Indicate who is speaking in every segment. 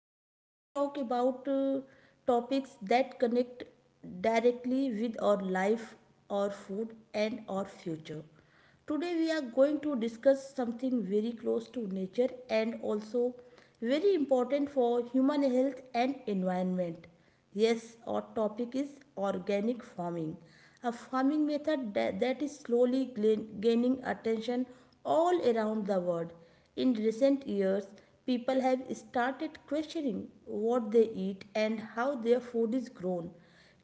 Speaker 1: where we talk about topics that connect directly with our life, our food, and our future. Today we are going to discuss something very close to nature and also very important for human health and environment. Yes, our topic is organic farming, a farming method that is slowly gaining attention all around the world. In recent years, people have started questioning what they eat and how their food is grown.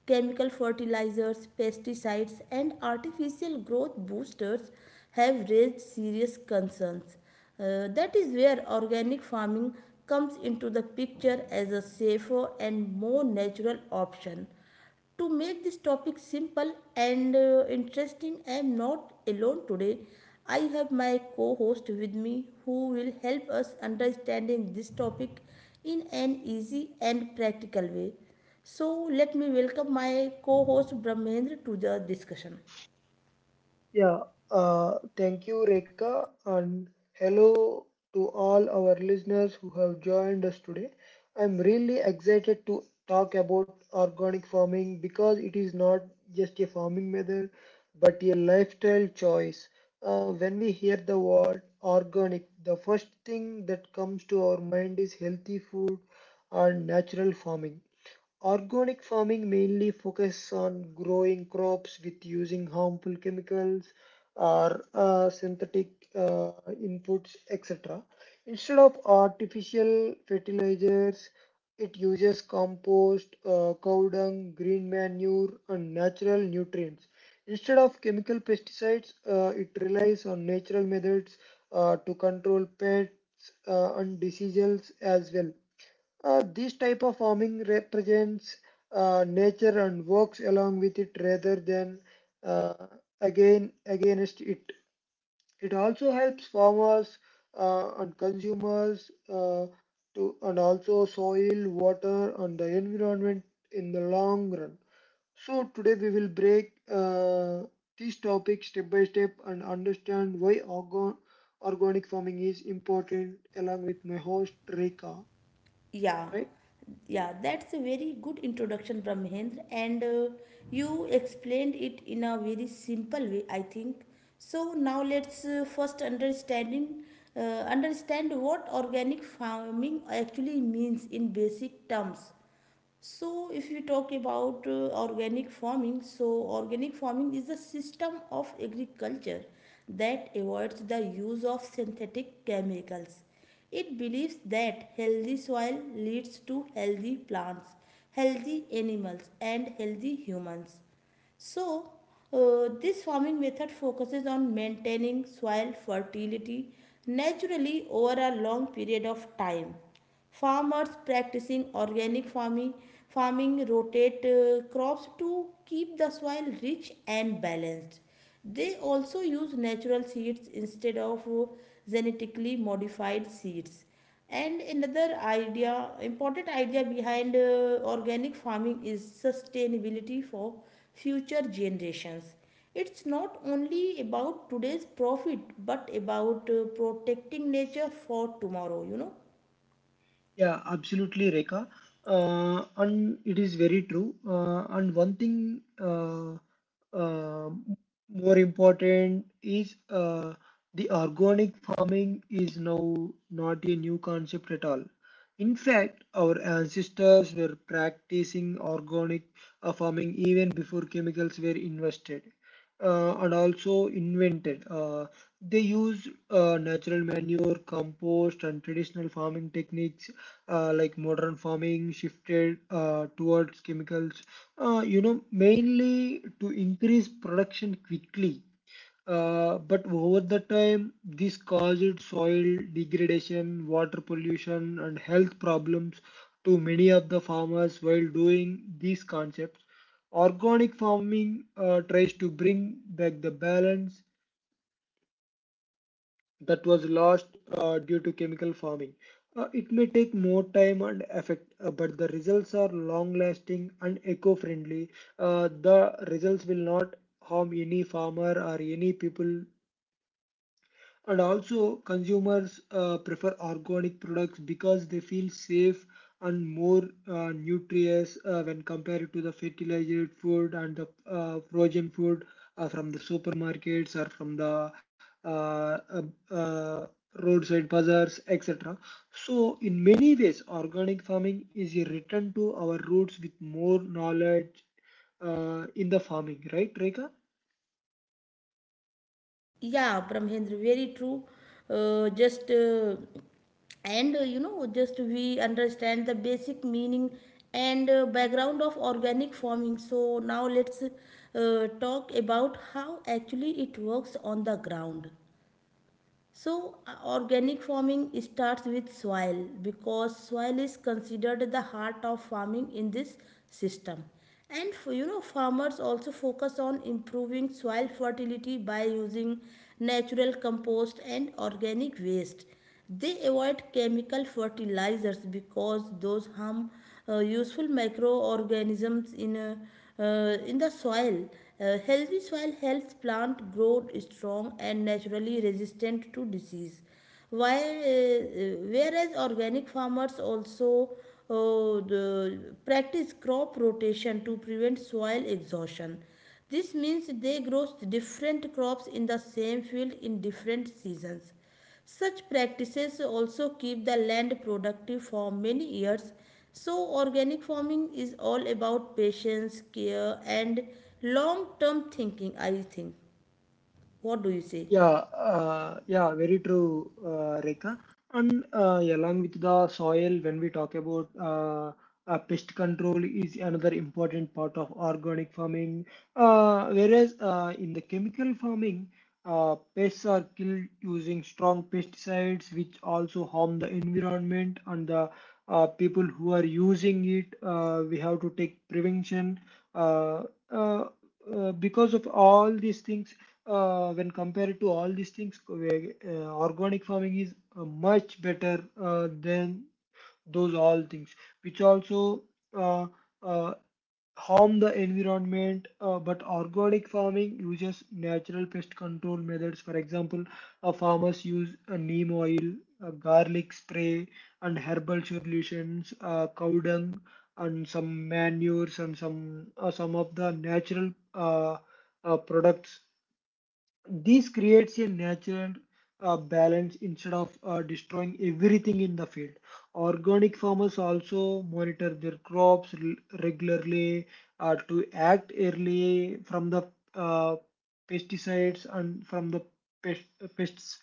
Speaker 1: Chemical fertilizers, pesticides, and artificial growth boosters have raised serious concerns. That is where organic farming comes into the picture as a safer and more natural option. To make this topic simple and interesting, I am not alone today. I have my co-host with me who will help us understanding this topic in an easy and practical way. So let me welcome my co-host Brahmendra to the discussion.
Speaker 2: Yeah, thank you, Reka, and hello to all our listeners who have joined us today. I'm really excited to talk about organic farming because it is not just a farming method but a lifestyle choice. When we hear the word organic, the first thing that comes to our mind is healthy food and natural farming. Organic farming mainly focuses on growing crops with using harmful chemicals or synthetic uh, inputs, etc. Instead of artificial fertilizers, it uses compost, cow dung, green manure, and natural nutrients. Instead of chemical pesticides, it relies on natural methods to control pests and diseases as well. This type of farming represents nature and works along with it rather than uh, again against it. It also helps farmers and consumers to and also soil, water, and the environment in the long run. So today we will break these topics step by step and understand why organic farming is important along with my host Rika.
Speaker 1: Yeah,
Speaker 2: Right?
Speaker 1: yeah, that's a very good introduction, Brahmendra, and you explained it in a very simple way, I think. So now let's first understanding uh, understand what organic farming actually means in basic terms. So, if we talk about organic farming, so organic farming is a system of agriculture that avoids the use of synthetic chemicals. It believes that healthy soil leads to healthy plants, healthy animals, and healthy humans. So, this farming method focuses on maintaining soil fertility naturally over a long period of time. Farmers practicing organic farming, rotate crops to keep the soil rich and balanced. They also use natural seeds instead of genetically modified seeds, and another idea important idea behind organic farming is sustainability for future generations. It's not only about today's profit, but about protecting nature for tomorrow.
Speaker 2: Yeah, absolutely, Rekha. And it is very true. And one thing uh, more important is the organic farming is now not a new concept at all. In fact, our ancestors were practicing organic farming even before chemicals were invested and also invented. They used natural manure, compost, and traditional farming techniques like modern farming shifted towards chemicals, you know, mainly to increase production quickly. But over the time, this caused soil degradation, water pollution, and health problems to many of the farmers while doing these concepts. Organic farming tries to bring back the balance that was lost due to chemical farming. It may take more time and effort, but the results are long lasting and eco friendly. The results will not harm any farmer or any people and also, consumers prefer organic products because they feel safe and more nutritious when compared to the fertilized food and the frozen food from the supermarkets or from the uh, uh, uh, roadside bazaars, etc. So, in many ways, organic farming is a return to our roots with more knowledge in the farming, right, Reka?
Speaker 1: Yeah, Brahmendra, very true. Just and You know, just we understand the basic meaning and background of organic farming, so now let's talk about how actually it works on the ground. So, organic farming starts with soil, because soil is considered the heart of farming in this system. You know, farmers also focus on improving soil fertility by using natural compost and organic waste. They avoid chemical fertilizers because those harm useful microorganisms in the soil. Healthy soil helps plant grow strong and naturally resistant to disease. Whereas organic farmers also practice crop rotation to prevent soil exhaustion. This means they grow different crops in the same field in different seasons. Such practices also keep the land productive for many years. So, organic farming is all about patience, care, and long term thinking, I think. What do you say?
Speaker 2: Yeah, yeah, very true, Rekha. And along with the soil, when we talk about pest control is another important part of organic farming. Whereas in the chemical farming, pests are killed using strong pesticides, which also harm the environment and the people who are using it. We have to take prevention. Uh, uh, because of all these things when compared to all these things, organic farming is much better than those all things, which also uh, uh, harm the environment. But organic farming uses natural pest control methods. For example, farmers use neem oil, garlic spray, and herbal solutions, cow dung, and some manures and some of the natural products. This creates a natural balance instead of destroying everything in the field. Organic farmers also monitor their crops regularly to act early from the uh, pesticides and from the pests.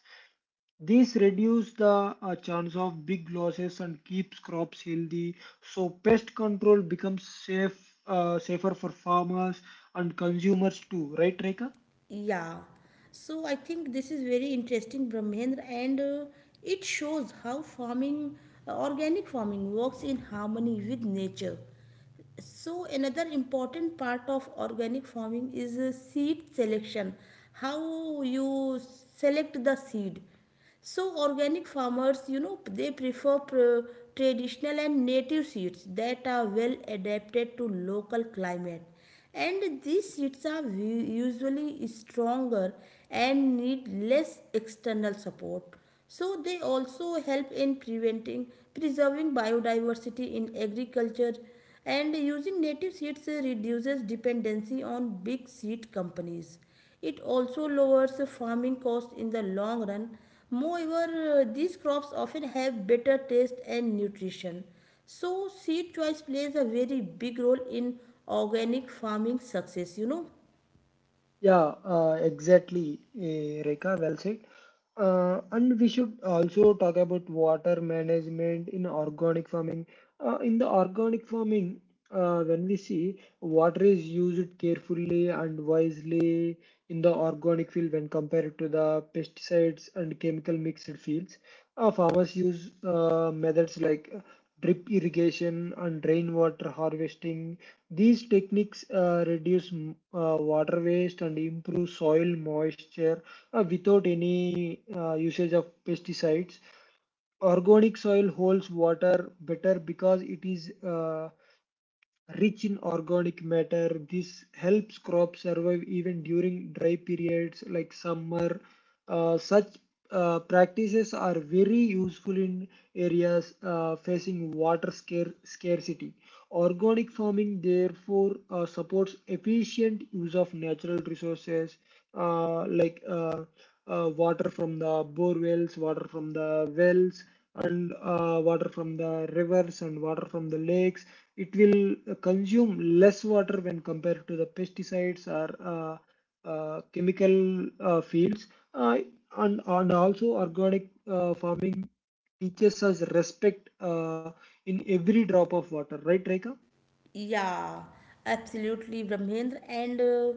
Speaker 2: This reduces the chance of big losses and keeps crops healthy. So pest control becomes safer for farmers and consumers too, right, Reka?
Speaker 1: Yeah. So, I think this is very interesting, Brahmendra, and it shows how organic farming works in harmony with nature. So another important part of organic farming is seed selection. How you select the seed? So organic farmers, you know, they prefer traditional and native seeds that are well adapted to local climate, and these seeds are usually stronger and need less external support. So they also help in preventing preserving biodiversity in agriculture, and using native seeds reduces dependency on big seed companies. It also lowers farming costs in the long run. Moreover, these crops often have better taste and nutrition. So seed choice plays a very big role in organic farming success, you know.
Speaker 2: Yeah, exactly, Rekha, well said. And we should also talk about water management in organic farming. In the organic farming, when we see water is used carefully and wisely in the organic field when compared to the pesticides and chemical mixed fields. Farmers use methods like drip irrigation and rainwater harvesting. These techniques reduce water waste and improve soil moisture without any usage of pesticides. Organic soil holds water better because it is rich in organic matter. This helps crops survive even during dry periods like summer. Such practices are very useful in areas facing scarcity. Organic farming, therefore, supports efficient use of natural resources like water from the bore wells, water from the wells, and water from the rivers and water from the lakes. It will consume less water when compared to the pesticides or chemical fields. Uh, and also, organic farming teaches us respect in every drop of water, right, Reka?
Speaker 1: Yeah, absolutely, Brahmendra. And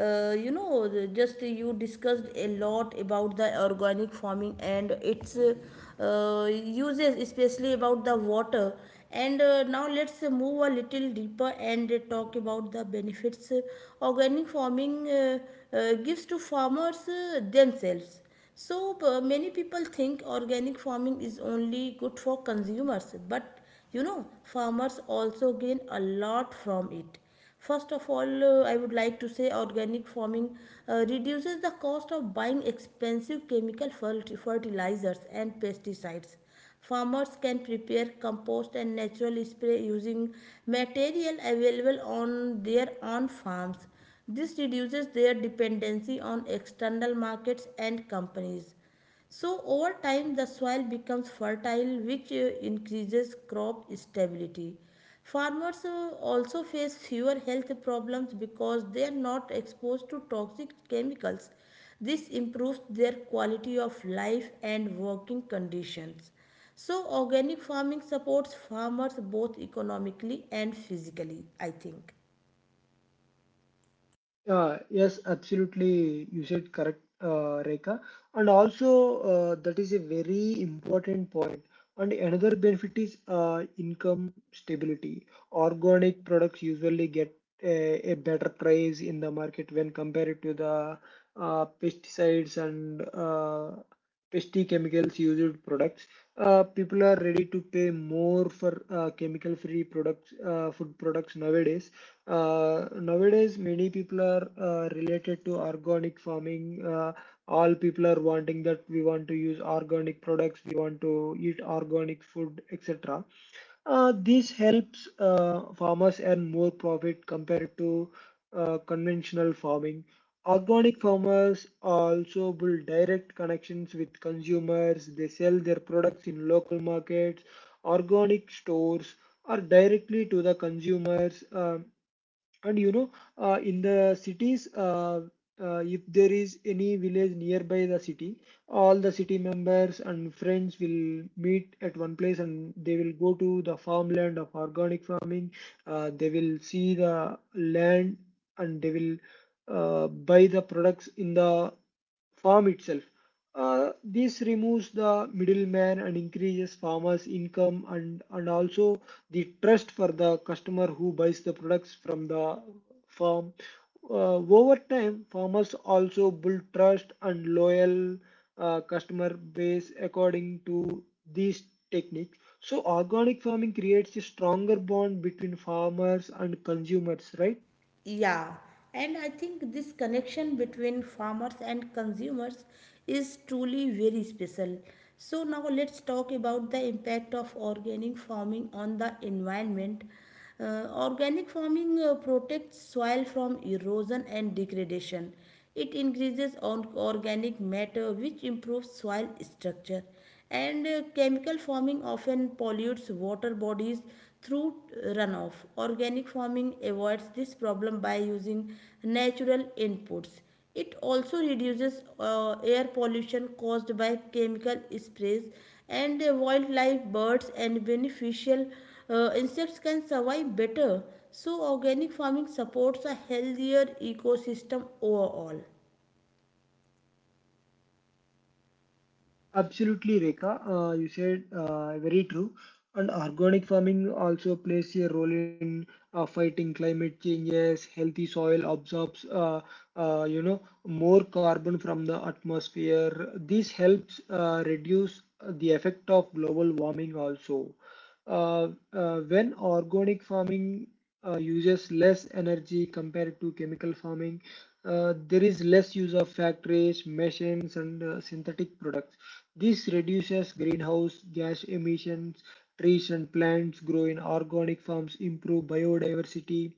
Speaker 1: You know, the- just you discussed a lot about the organic farming and its uses, especially about the water. And now let's move a little deeper and talk about the benefits organic farming gives to farmers themselves. So many people think organic farming is only good for consumers, but you know, farmers also gain a lot from it. First of all, I would like to say organic farming reduces the cost of buying expensive chemical fertilizers and pesticides. Farmers can prepare compost and natural spray using material available on their own farms. This reduces their dependency on external markets and companies. So over time the soil becomes fertile, which increases crop stability. Farmers also face fewer health problems because they are not exposed to toxic chemicals. This improves their quality of life and working conditions. So organic farming supports farmers both economically and physically, I think.
Speaker 2: Yes, absolutely. You said correct, Rekha. And also, that is a very important point. And another benefit is income stability. Organic products usually get a better price in the market when compared to the pesticides and pesty chemicals used products. People are ready to pay more for chemical-free products, food products nowadays, many people are related to organic farming. All people are wanting that we want to use organic products, we want to eat organic food, etc. This helps farmers earn more profit compared to conventional farming. Organic farmers also build direct connections with consumers. They sell their products in local markets, organic stores, or directly to the consumers. And you know, in the cities if there is any village nearby the city, all the city members and friends will meet at one place and they will go to the farmland of organic farming. They will see the land and they will buy the products in the farm itself. This removes the middleman and increases farmers' income and also the trust for the customer who buys the products from the farm. Over time, farmers also build trust and loyal customer base according to these techniques. So, organic farming creates a stronger bond between farmers and consumers, right?
Speaker 1: Yeah, and I think this connection between farmers and consumers is truly very special. So, now let's talk about the impact of organic farming on the environment. Organic farming protects soil from erosion and degradation. It increases on organic matter, which improves soil structure. And chemical farming often pollutes water bodies through runoff. Organic farming avoids this problem by using natural inputs. It also reduces air pollution caused by chemical sprays, and wildlife, birds, and beneficial insects can survive better. So organic farming supports a healthier ecosystem overall.
Speaker 2: Absolutely, Rekha. You said very true. And organic farming also plays a role in fighting climate changes. Healthy soil absorbs, you know, more carbon from the atmosphere. This helps reduce the effect of global warming also. When organic farming uses less energy compared to chemical farming, there is less use of factories, machines, and synthetic products. This reduces greenhouse gas emissions. Trees and plants grow in organic farms, improve biodiversity,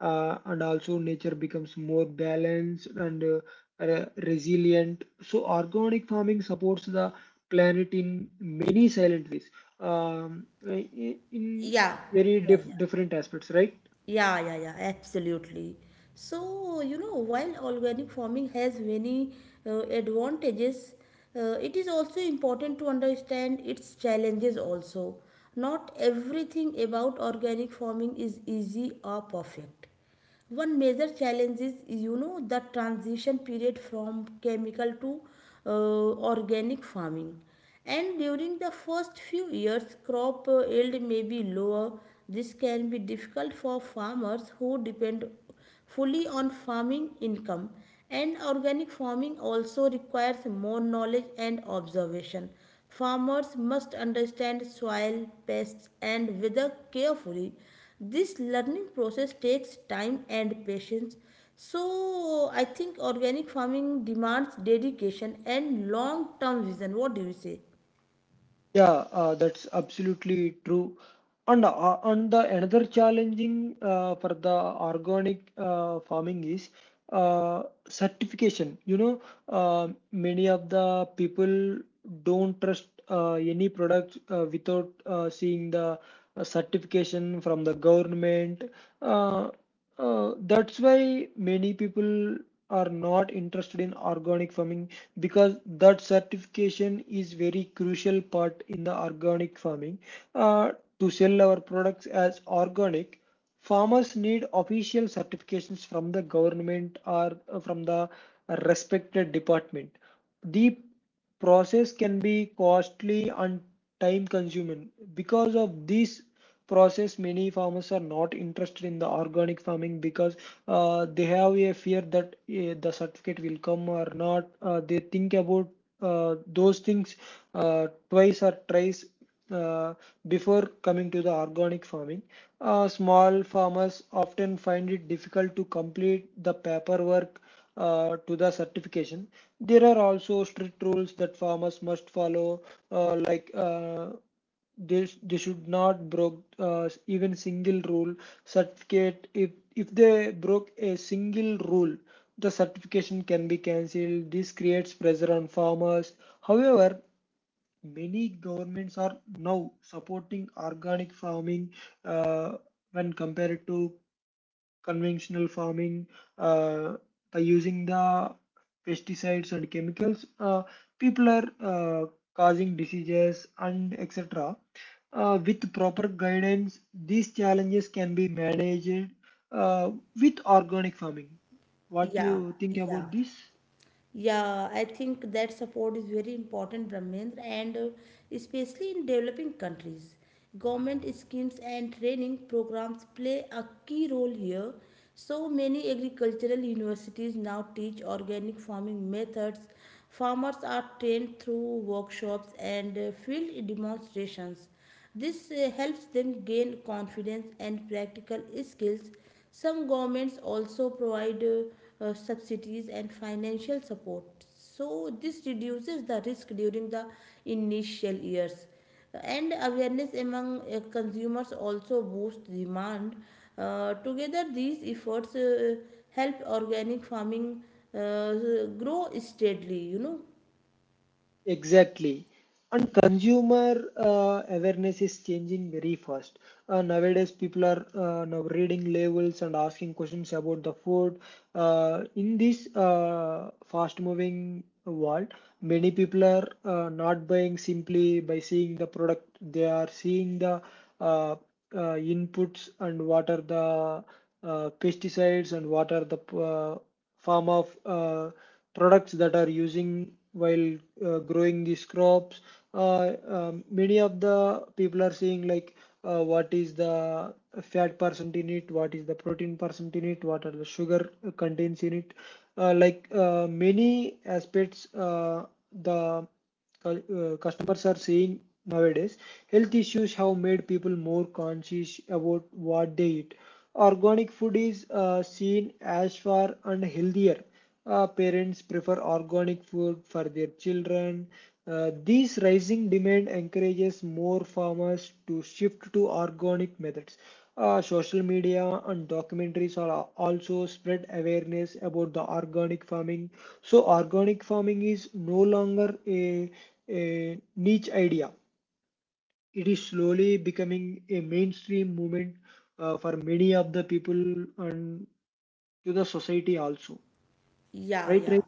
Speaker 2: and also nature becomes more balanced and resilient. So, organic farming supports the planet in many silent ways, in
Speaker 1: Yeah,
Speaker 2: very
Speaker 1: yeah, yeah.
Speaker 2: different aspects, right?
Speaker 1: Yeah, yeah, yeah, absolutely. So, you know, while organic farming has many advantages, it is also important to understand its challenges also. Not everything about organic farming is easy or perfect. One major challenge is, you know, the transition period from chemical to organic farming. And during the first few years, crop yield may be lower. This can be difficult for farmers who depend fully on farming income, and organic farming also requires more knowledge and observation. Farmers must understand soil, pests, and weather carefully. This learning process takes time and patience. So I think organic farming demands dedication and long term vision. What do you say?
Speaker 2: Yeah, that's absolutely true. And the another challenging for the organic farming is uh, certification. You know, many of the people don't trust any product without seeing the certification from the government. Uh, that's why many people are not interested in organic farming because that certification is very crucial part in the organic farming. Uh, to sell our products as organic, farmers need official certifications from the government or from the respected department. The process can be costly and time consuming. Because of this process, many farmers are not interested in the organic farming because they have a fear that the certificate will come or not. They think about those things twice or thrice uh, before coming to the organic farming. Small farmers often find it difficult to complete the paperwork to the certification. There are also strict rules that farmers must follow, like they should not broke even single rule certificate. If they broke a single rule, the certification can be cancelled. This creates pressure on farmers. However, many governments are now supporting organic farming uh, when compared to conventional farming uh, by using the pesticides and chemicals. People are causing diseases and etc. With proper guidance these challenges can be managed uh, with organic farming. What do
Speaker 1: Yeah,
Speaker 2: you think
Speaker 1: yeah.
Speaker 2: about this?
Speaker 1: Yeah, I think that support is very important, Brahmendra, and especially in developing countries. Government schemes and training programs play a key role here. So many agricultural universities now teach organic farming methods. Farmers are trained through workshops and field demonstrations. This helps them gain confidence and practical skills. Some governments also provide subsidies and financial support. So, this reduces the risk during the initial years, and awareness among consumers also boosts demand. Together, these efforts help organic farming uh, grow steadily, you know.
Speaker 2: Exactly. And consumer awareness is changing very fast. Nowadays, people are now reading labels and asking questions about the food. In this fast-moving world, many people are not buying simply by seeing the product. They are seeing the uh, uh, inputs and what are the pesticides and what are the form of products that are using while growing these crops. Many of the people are saying like what is the fat percent in it, what is the protein percent in it, what are the sugar contents in it. Like many aspects, the customers are seeing nowadays. Health issues have made people more conscious about what they eat. Organic food is seen as far and healthier. Parents prefer organic food for their children. This rising demand encourages more farmers to shift to organic methods. Social media and documentaries are also spread awareness about the organic farming, so organic farming is no longer a niche idea. It is slowly becoming a mainstream movement for many of the people and to the society also.
Speaker 1: Yeah,
Speaker 2: Right.
Speaker 1: yeah,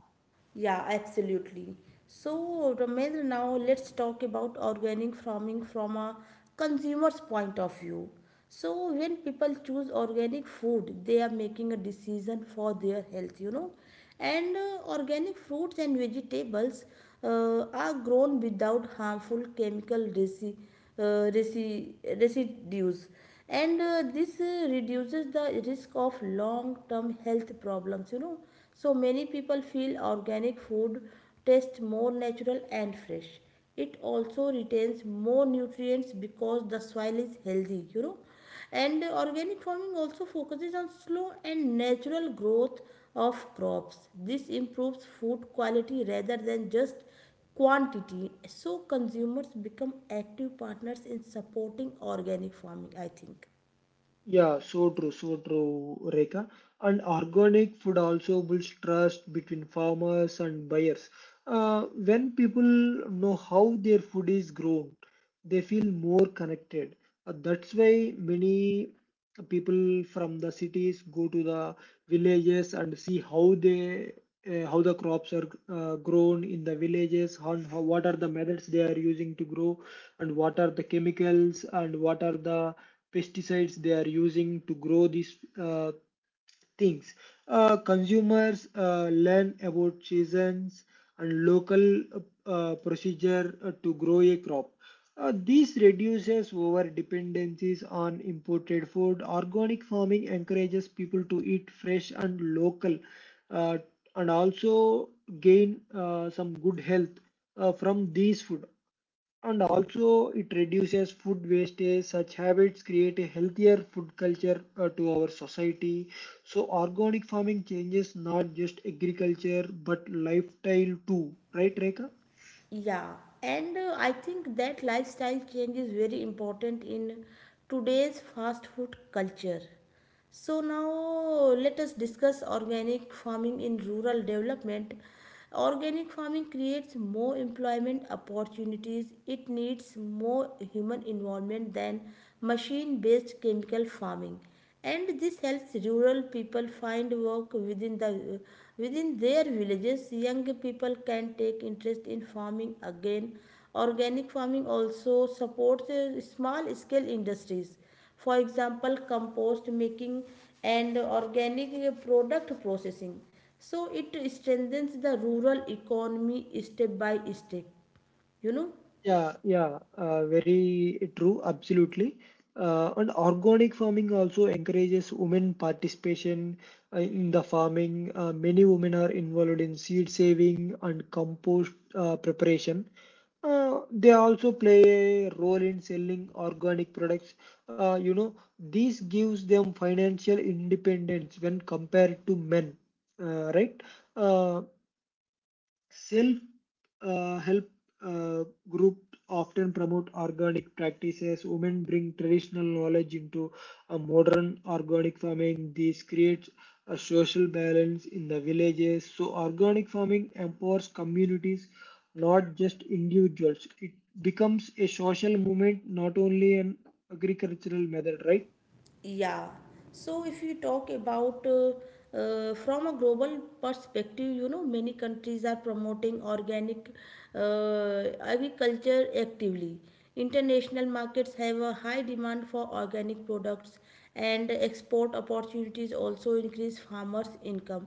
Speaker 1: yeah, absolutely. So, Ramendra, now let's talk about organic farming from a consumer's point of view. So, when people choose organic food, they are making a decision for their health, you know. And organic fruits and vegetables are grown without harmful chemical uh, resi- residues, and this reduces the risk of long term health problems, you know. So many people feel organic food tastes more natural and fresh. It also retains more nutrients because the soil is healthy, you know. And organic farming also focuses on slow and natural growth of crops. This improves food quality rather than just quantity. So consumers become active partners in supporting organic farming, I think.
Speaker 2: Yeah, so true, Rekha. And organic food also builds trust between farmers and buyers. When people know how their food is grown, they feel more connected. That's why many people from the cities go to the villages and see how they how the crops are grown in the villages, how, what are the methods they are using to grow, and what are the chemicals and what are the pesticides they are using to grow these things. Consumers learn about seasons and local procedure to grow a crop. This reduces over dependencies on imported food. Organic farming encourages people to eat fresh and local, uh, and also gain some good health from these food, and also it reduces food wastage. Such habits create a healthier food culture to our society. So organic farming changes not just agriculture but lifestyle too, right, Reka?
Speaker 1: Yeah, and I think that lifestyle change is very important in today's fast food culture. So now let us discuss organic farming in rural development. Organic farming creates more employment opportunities. It needs more human involvement than machine-based chemical farming, and this helps rural people find work within their villages. Young people can take interest in farming again. Organic farming also supports small scale industries, for example, compost making and organic product processing. So it strengthens the rural economy step by step, you know.
Speaker 2: Yeah, yeah, very true, absolutely. And organic farming also encourages women participation in the farming. Many women are involved in seed saving and compost preparation. They also play a role in selling organic products. Uh, you know, this gives them financial independence when compared to men, right? Uh, Self help group often promote organic practices. Women bring traditional knowledge into a modern organic farming. This creates a social balance in the villages. So, organic farming empowers communities, not just individuals. It becomes a social movement, not only an agricultural method, right?
Speaker 1: Yeah. So if you talk about from a global perspective, you know, many countries are promoting organic agriculture actively. International markets have a high demand for organic products, and export opportunities also increase farmers' income.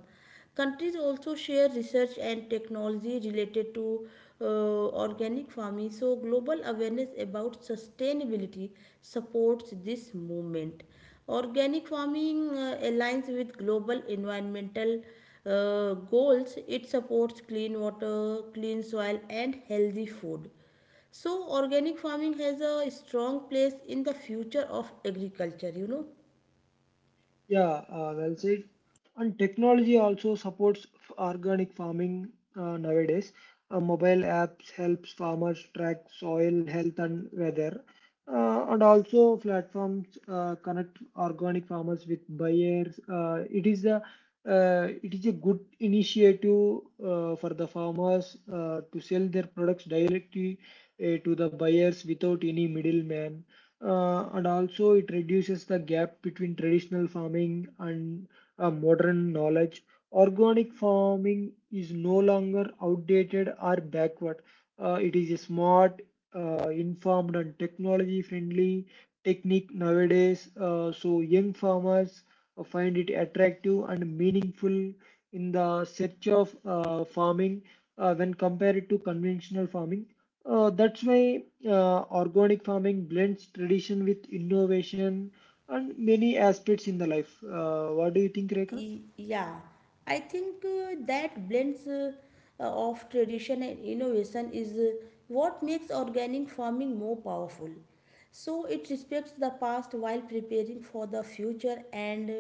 Speaker 1: Countries also share research and technology related to uh, organic farming, so global awareness about sustainability supports this movement. Organic farming aligns with global environmental goals. It supports clean water, clean soil, and healthy food. So, organic farming has a strong place in the future of agriculture, you know.
Speaker 2: Yeah, well said. And technology also supports organic farming nowadays. Mobile apps helps farmers track soil health and weather. And also platforms connect organic farmers with buyers. It is a good initiative for the farmers to sell their products directly to the buyers without any middleman, and also it reduces the gap between traditional farming and modern knowledge. Organic farming is no longer outdated or backward. It is a smart, informed, and technology friendly technique nowadays. So, young farmers find it attractive and meaningful in the search of farming when compared to conventional farming. That's why organic farming blends tradition with innovation and many aspects in the life. What do you think, Rekha?
Speaker 1: Yeah, I think that blends uh, of tradition and innovation is what makes organic farming more powerful. So it respects the past while preparing for the future. And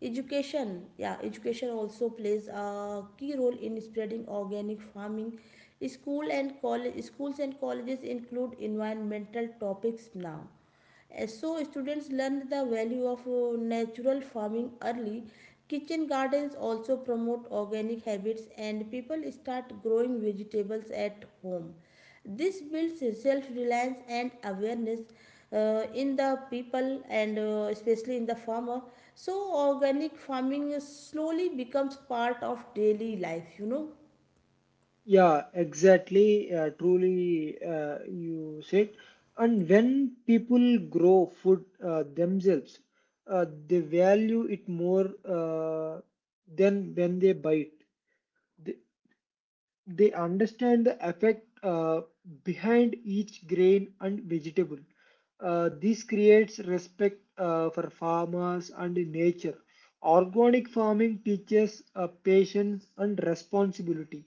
Speaker 1: education, yeah, education also plays a key role in spreading organic farming. School and college, schools and colleges include environmental topics now So students learn the value of natural farming early. Kitchen gardens also promote organic habits, and people start growing vegetables at home. This builds self-reliance and awareness in the people, and especially in the farmer. So organic farming slowly becomes part of daily life, you know.
Speaker 2: Yeah, exactly. Truly, you said. And when people grow food themselves, they value it more than when they buy it. They understand the effect behind each grain and vegetable. This creates respect for farmers and nature. Organic farming teaches patience and responsibility.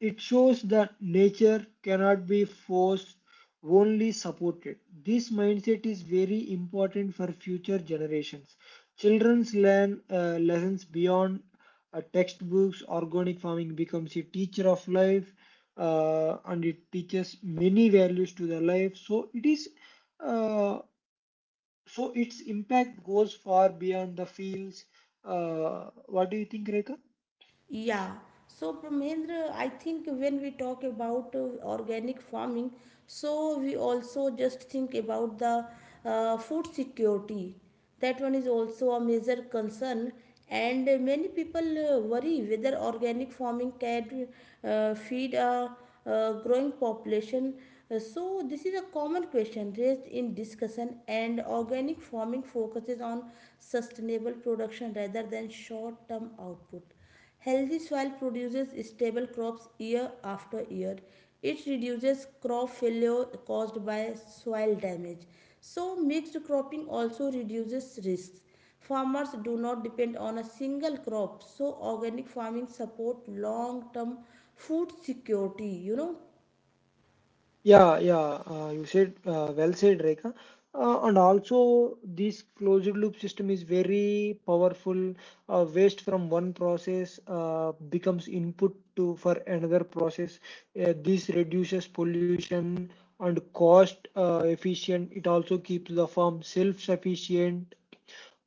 Speaker 2: It shows that nature cannot be forced, only supported. This mindset is very important for future generations. Children's learn lessons beyond textbooks. Organic farming becomes a teacher of life, and it teaches many values to the life. Uh, so its impact goes far beyond the fields. What do you think, Rekha?
Speaker 1: Yeah. So, Brahmendra, I think when we talk about organic farming, so we also just think about the food security. That one is also a major concern, and many people worry whether organic farming can feed a, growing population. So, this is a common question raised in discussion, and organic farming focuses on sustainable production rather than short term output. Healthy soil produces stable crops year after year. It reduces crop failure caused by soil damage. So, mixed cropping also reduces risks. Farmers do not depend on a single crop, so organic farming support long-term food security, you know.
Speaker 2: Yeah, yeah, you said well said, Rekha. And also, this closed loop system is very powerful. Waste from one process becomes input to for another process. This reduces pollution and cost efficient. It also keeps the farm self-sufficient.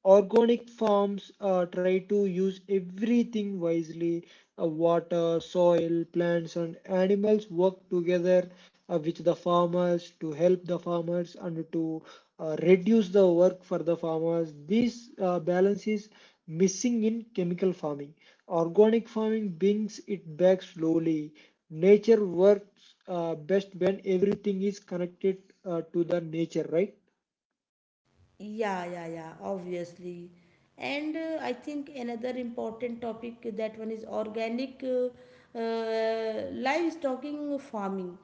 Speaker 2: Organic farms try to use everything wisely. Water, soil, plants, and animals work together with the farmers to help the farmers and to reduce the work for the farmers. This balance is missing in chemical farming. Organic farming brings it back slowly. Nature works best when everything is connected to the nature, right?
Speaker 1: Yeah, yeah, yeah, obviously. And I think another important topic, that one is organic livestock farming,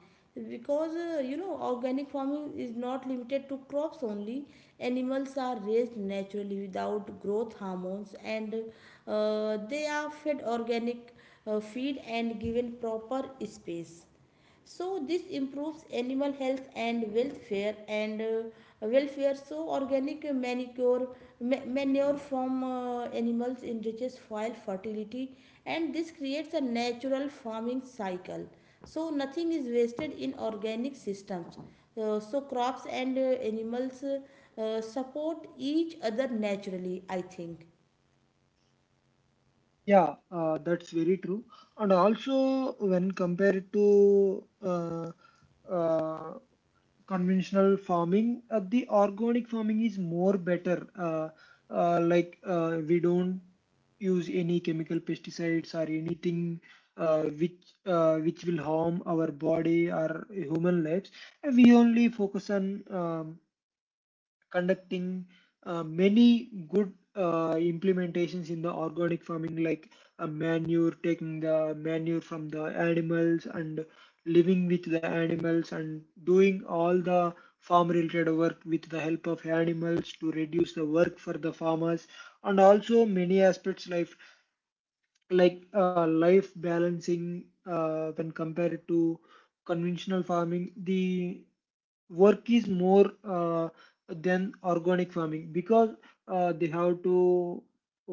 Speaker 1: because you know, organic farming is not limited to crops only. Animals are raised naturally without growth hormones, and they are fed organic feed and given proper space. So this improves animal health and welfare. So organic manure from animals enriches soil fertility, and this creates a natural farming cycle. So nothing is wasted in organic systems. So crops and animals support each other naturally, I think.
Speaker 2: Yeah, that's very true. And also, when compared to uh, conventional farming, the organic farming is more better. Like we don't use any chemical pesticides or anything uh, which which will harm our body or human lives. We only focus on conducting many good implementations in the organic farming, like manure, taking the manure from the animals and living with the animals and doing all the farm related work with the help of animals to reduce the work for the farmers, and also many aspects life, like life balancing when compared to conventional farming the work is more than organic farming, because they have to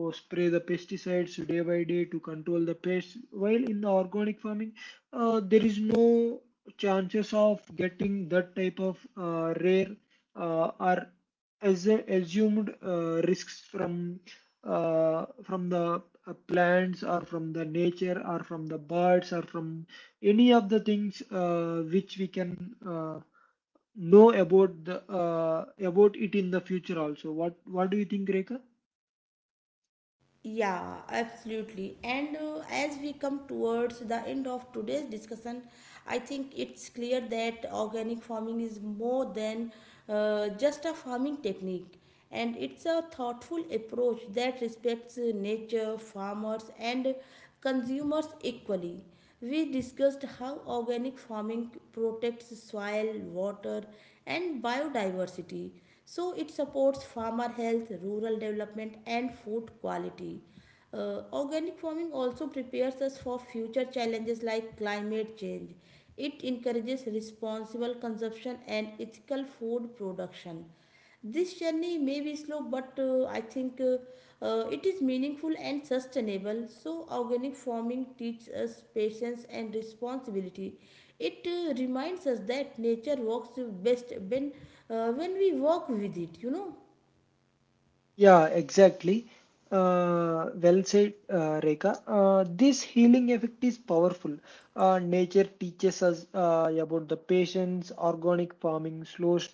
Speaker 2: spray the pesticides day by day to control the pests, while in the organic farming there is no chances of getting that type of rare or as assumed risks from the plants or from the nature or from the birds or from any of the things which we can know about the about it in the future also. What do you think, Rekha?
Speaker 1: Yeah, absolutely. And as we come towards the end of today's discussion, I think it's clear that organic farming is more than just a farming technique, and it's a thoughtful approach that respects nature, farmers, and consumers equally. We discussed how organic farming protects soil, water, and biodiversity, so it supports farmer health, rural development, and food quality. Organic farming also prepares us for future challenges like climate change. It encourages responsible consumption and ethical food production. This journey may be slow, but I think it is meaningful and sustainable. So, organic farming teaches us patience and responsibility. It reminds us that nature works best when we work with it, you know.
Speaker 2: Yeah, exactly. Well said, Rekha. This healing effect is powerful. Nature teaches us about the patience. Organic farming slows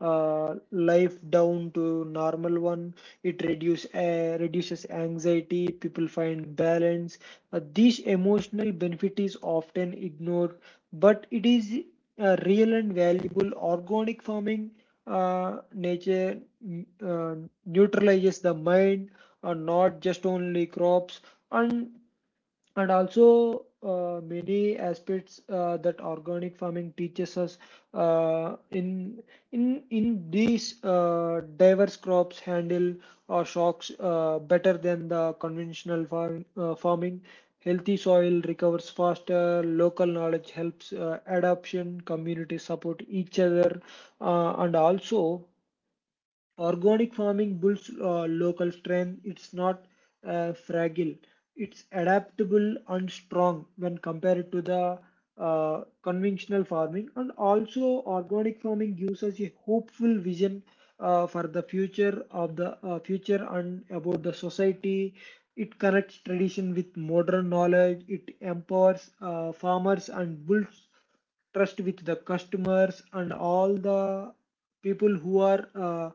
Speaker 2: life down to normal one. It reduces anxiety, people find balance. This emotional benefit is often ignored, but it is real and valuable. Organic farming uh, nature mm, uh, neutralizes the mind and not just only crops, and also many aspects that organic farming teaches us uh, in in these diverse crops handle or shocks better than the conventional farming. Healthy soil recovers faster, local knowledge helps adoption, communities support each other, and also organic farming builds local strength. It's not fragile. It's adaptable and strong when compared to the conventional farming. And also, organic farming gives us a hopeful vision for the future and about the society. It connects tradition with modern knowledge. It empowers farmers and builds trust with the customers and all the people who are uh,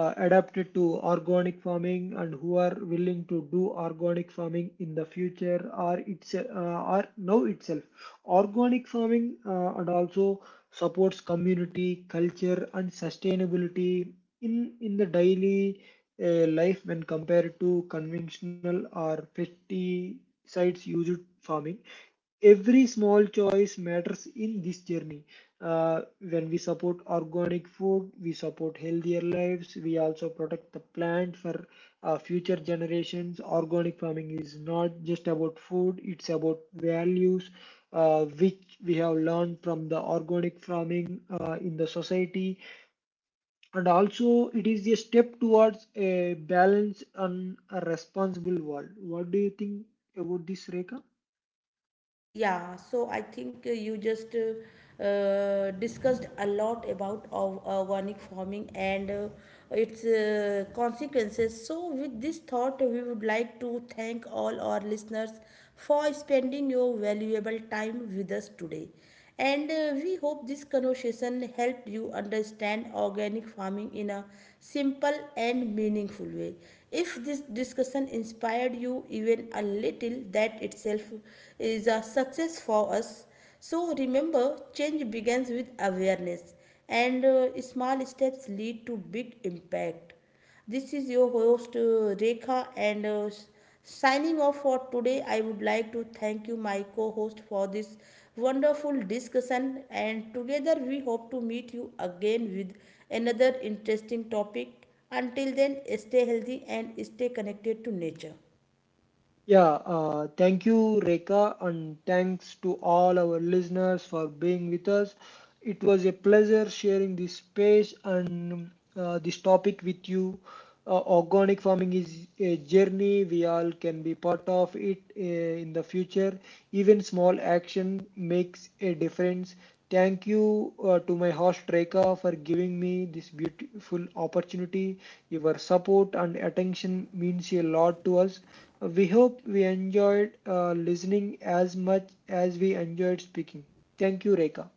Speaker 2: uh, adapted to organic farming and who are willing to do organic farming in the future or it's or now itself. Organic farming and also supports community culture and sustainability in the daily life when compared to conventional or pesticides used farming. Every small choice matters in this journey. When we support organic food, we support healthier lives. We also protect the plant for future generations. Organic farming is not just about food, it's about values which we have learned from the organic farming in the society, and also it is a step towards a balanced and a responsible world. What do you think about this, Reka?
Speaker 1: Yeah, so I think you just discussed a lot about of organic farming and its consequences. So, with this thought, we would like to thank all our listeners for spending your valuable time with us today. And we hope this conversation helped you understand organic farming in a simple and meaningful way. If this discussion inspired you even a little, that itself is a success for us. So remember, change begins with awareness, and small steps lead to big impact. This is your host Rekha, and signing off for today. I would like to thank you, my co host, for this wonderful discussion. And together we hope to meet you again with another interesting topic. Until then, stay healthy and stay connected to nature.
Speaker 2: Yeah, thank you, Reka, and thanks to all our listeners for being with us. It was a pleasure sharing this space and this topic with you. Organic farming is a journey we all can be part of it in the future. Even small action makes a difference. Thank you to my host Reka for giving me this beautiful opportunity. Your support and attention means a lot to us. We hope we enjoyed listening as much as we enjoyed speaking. Thank you, Reka.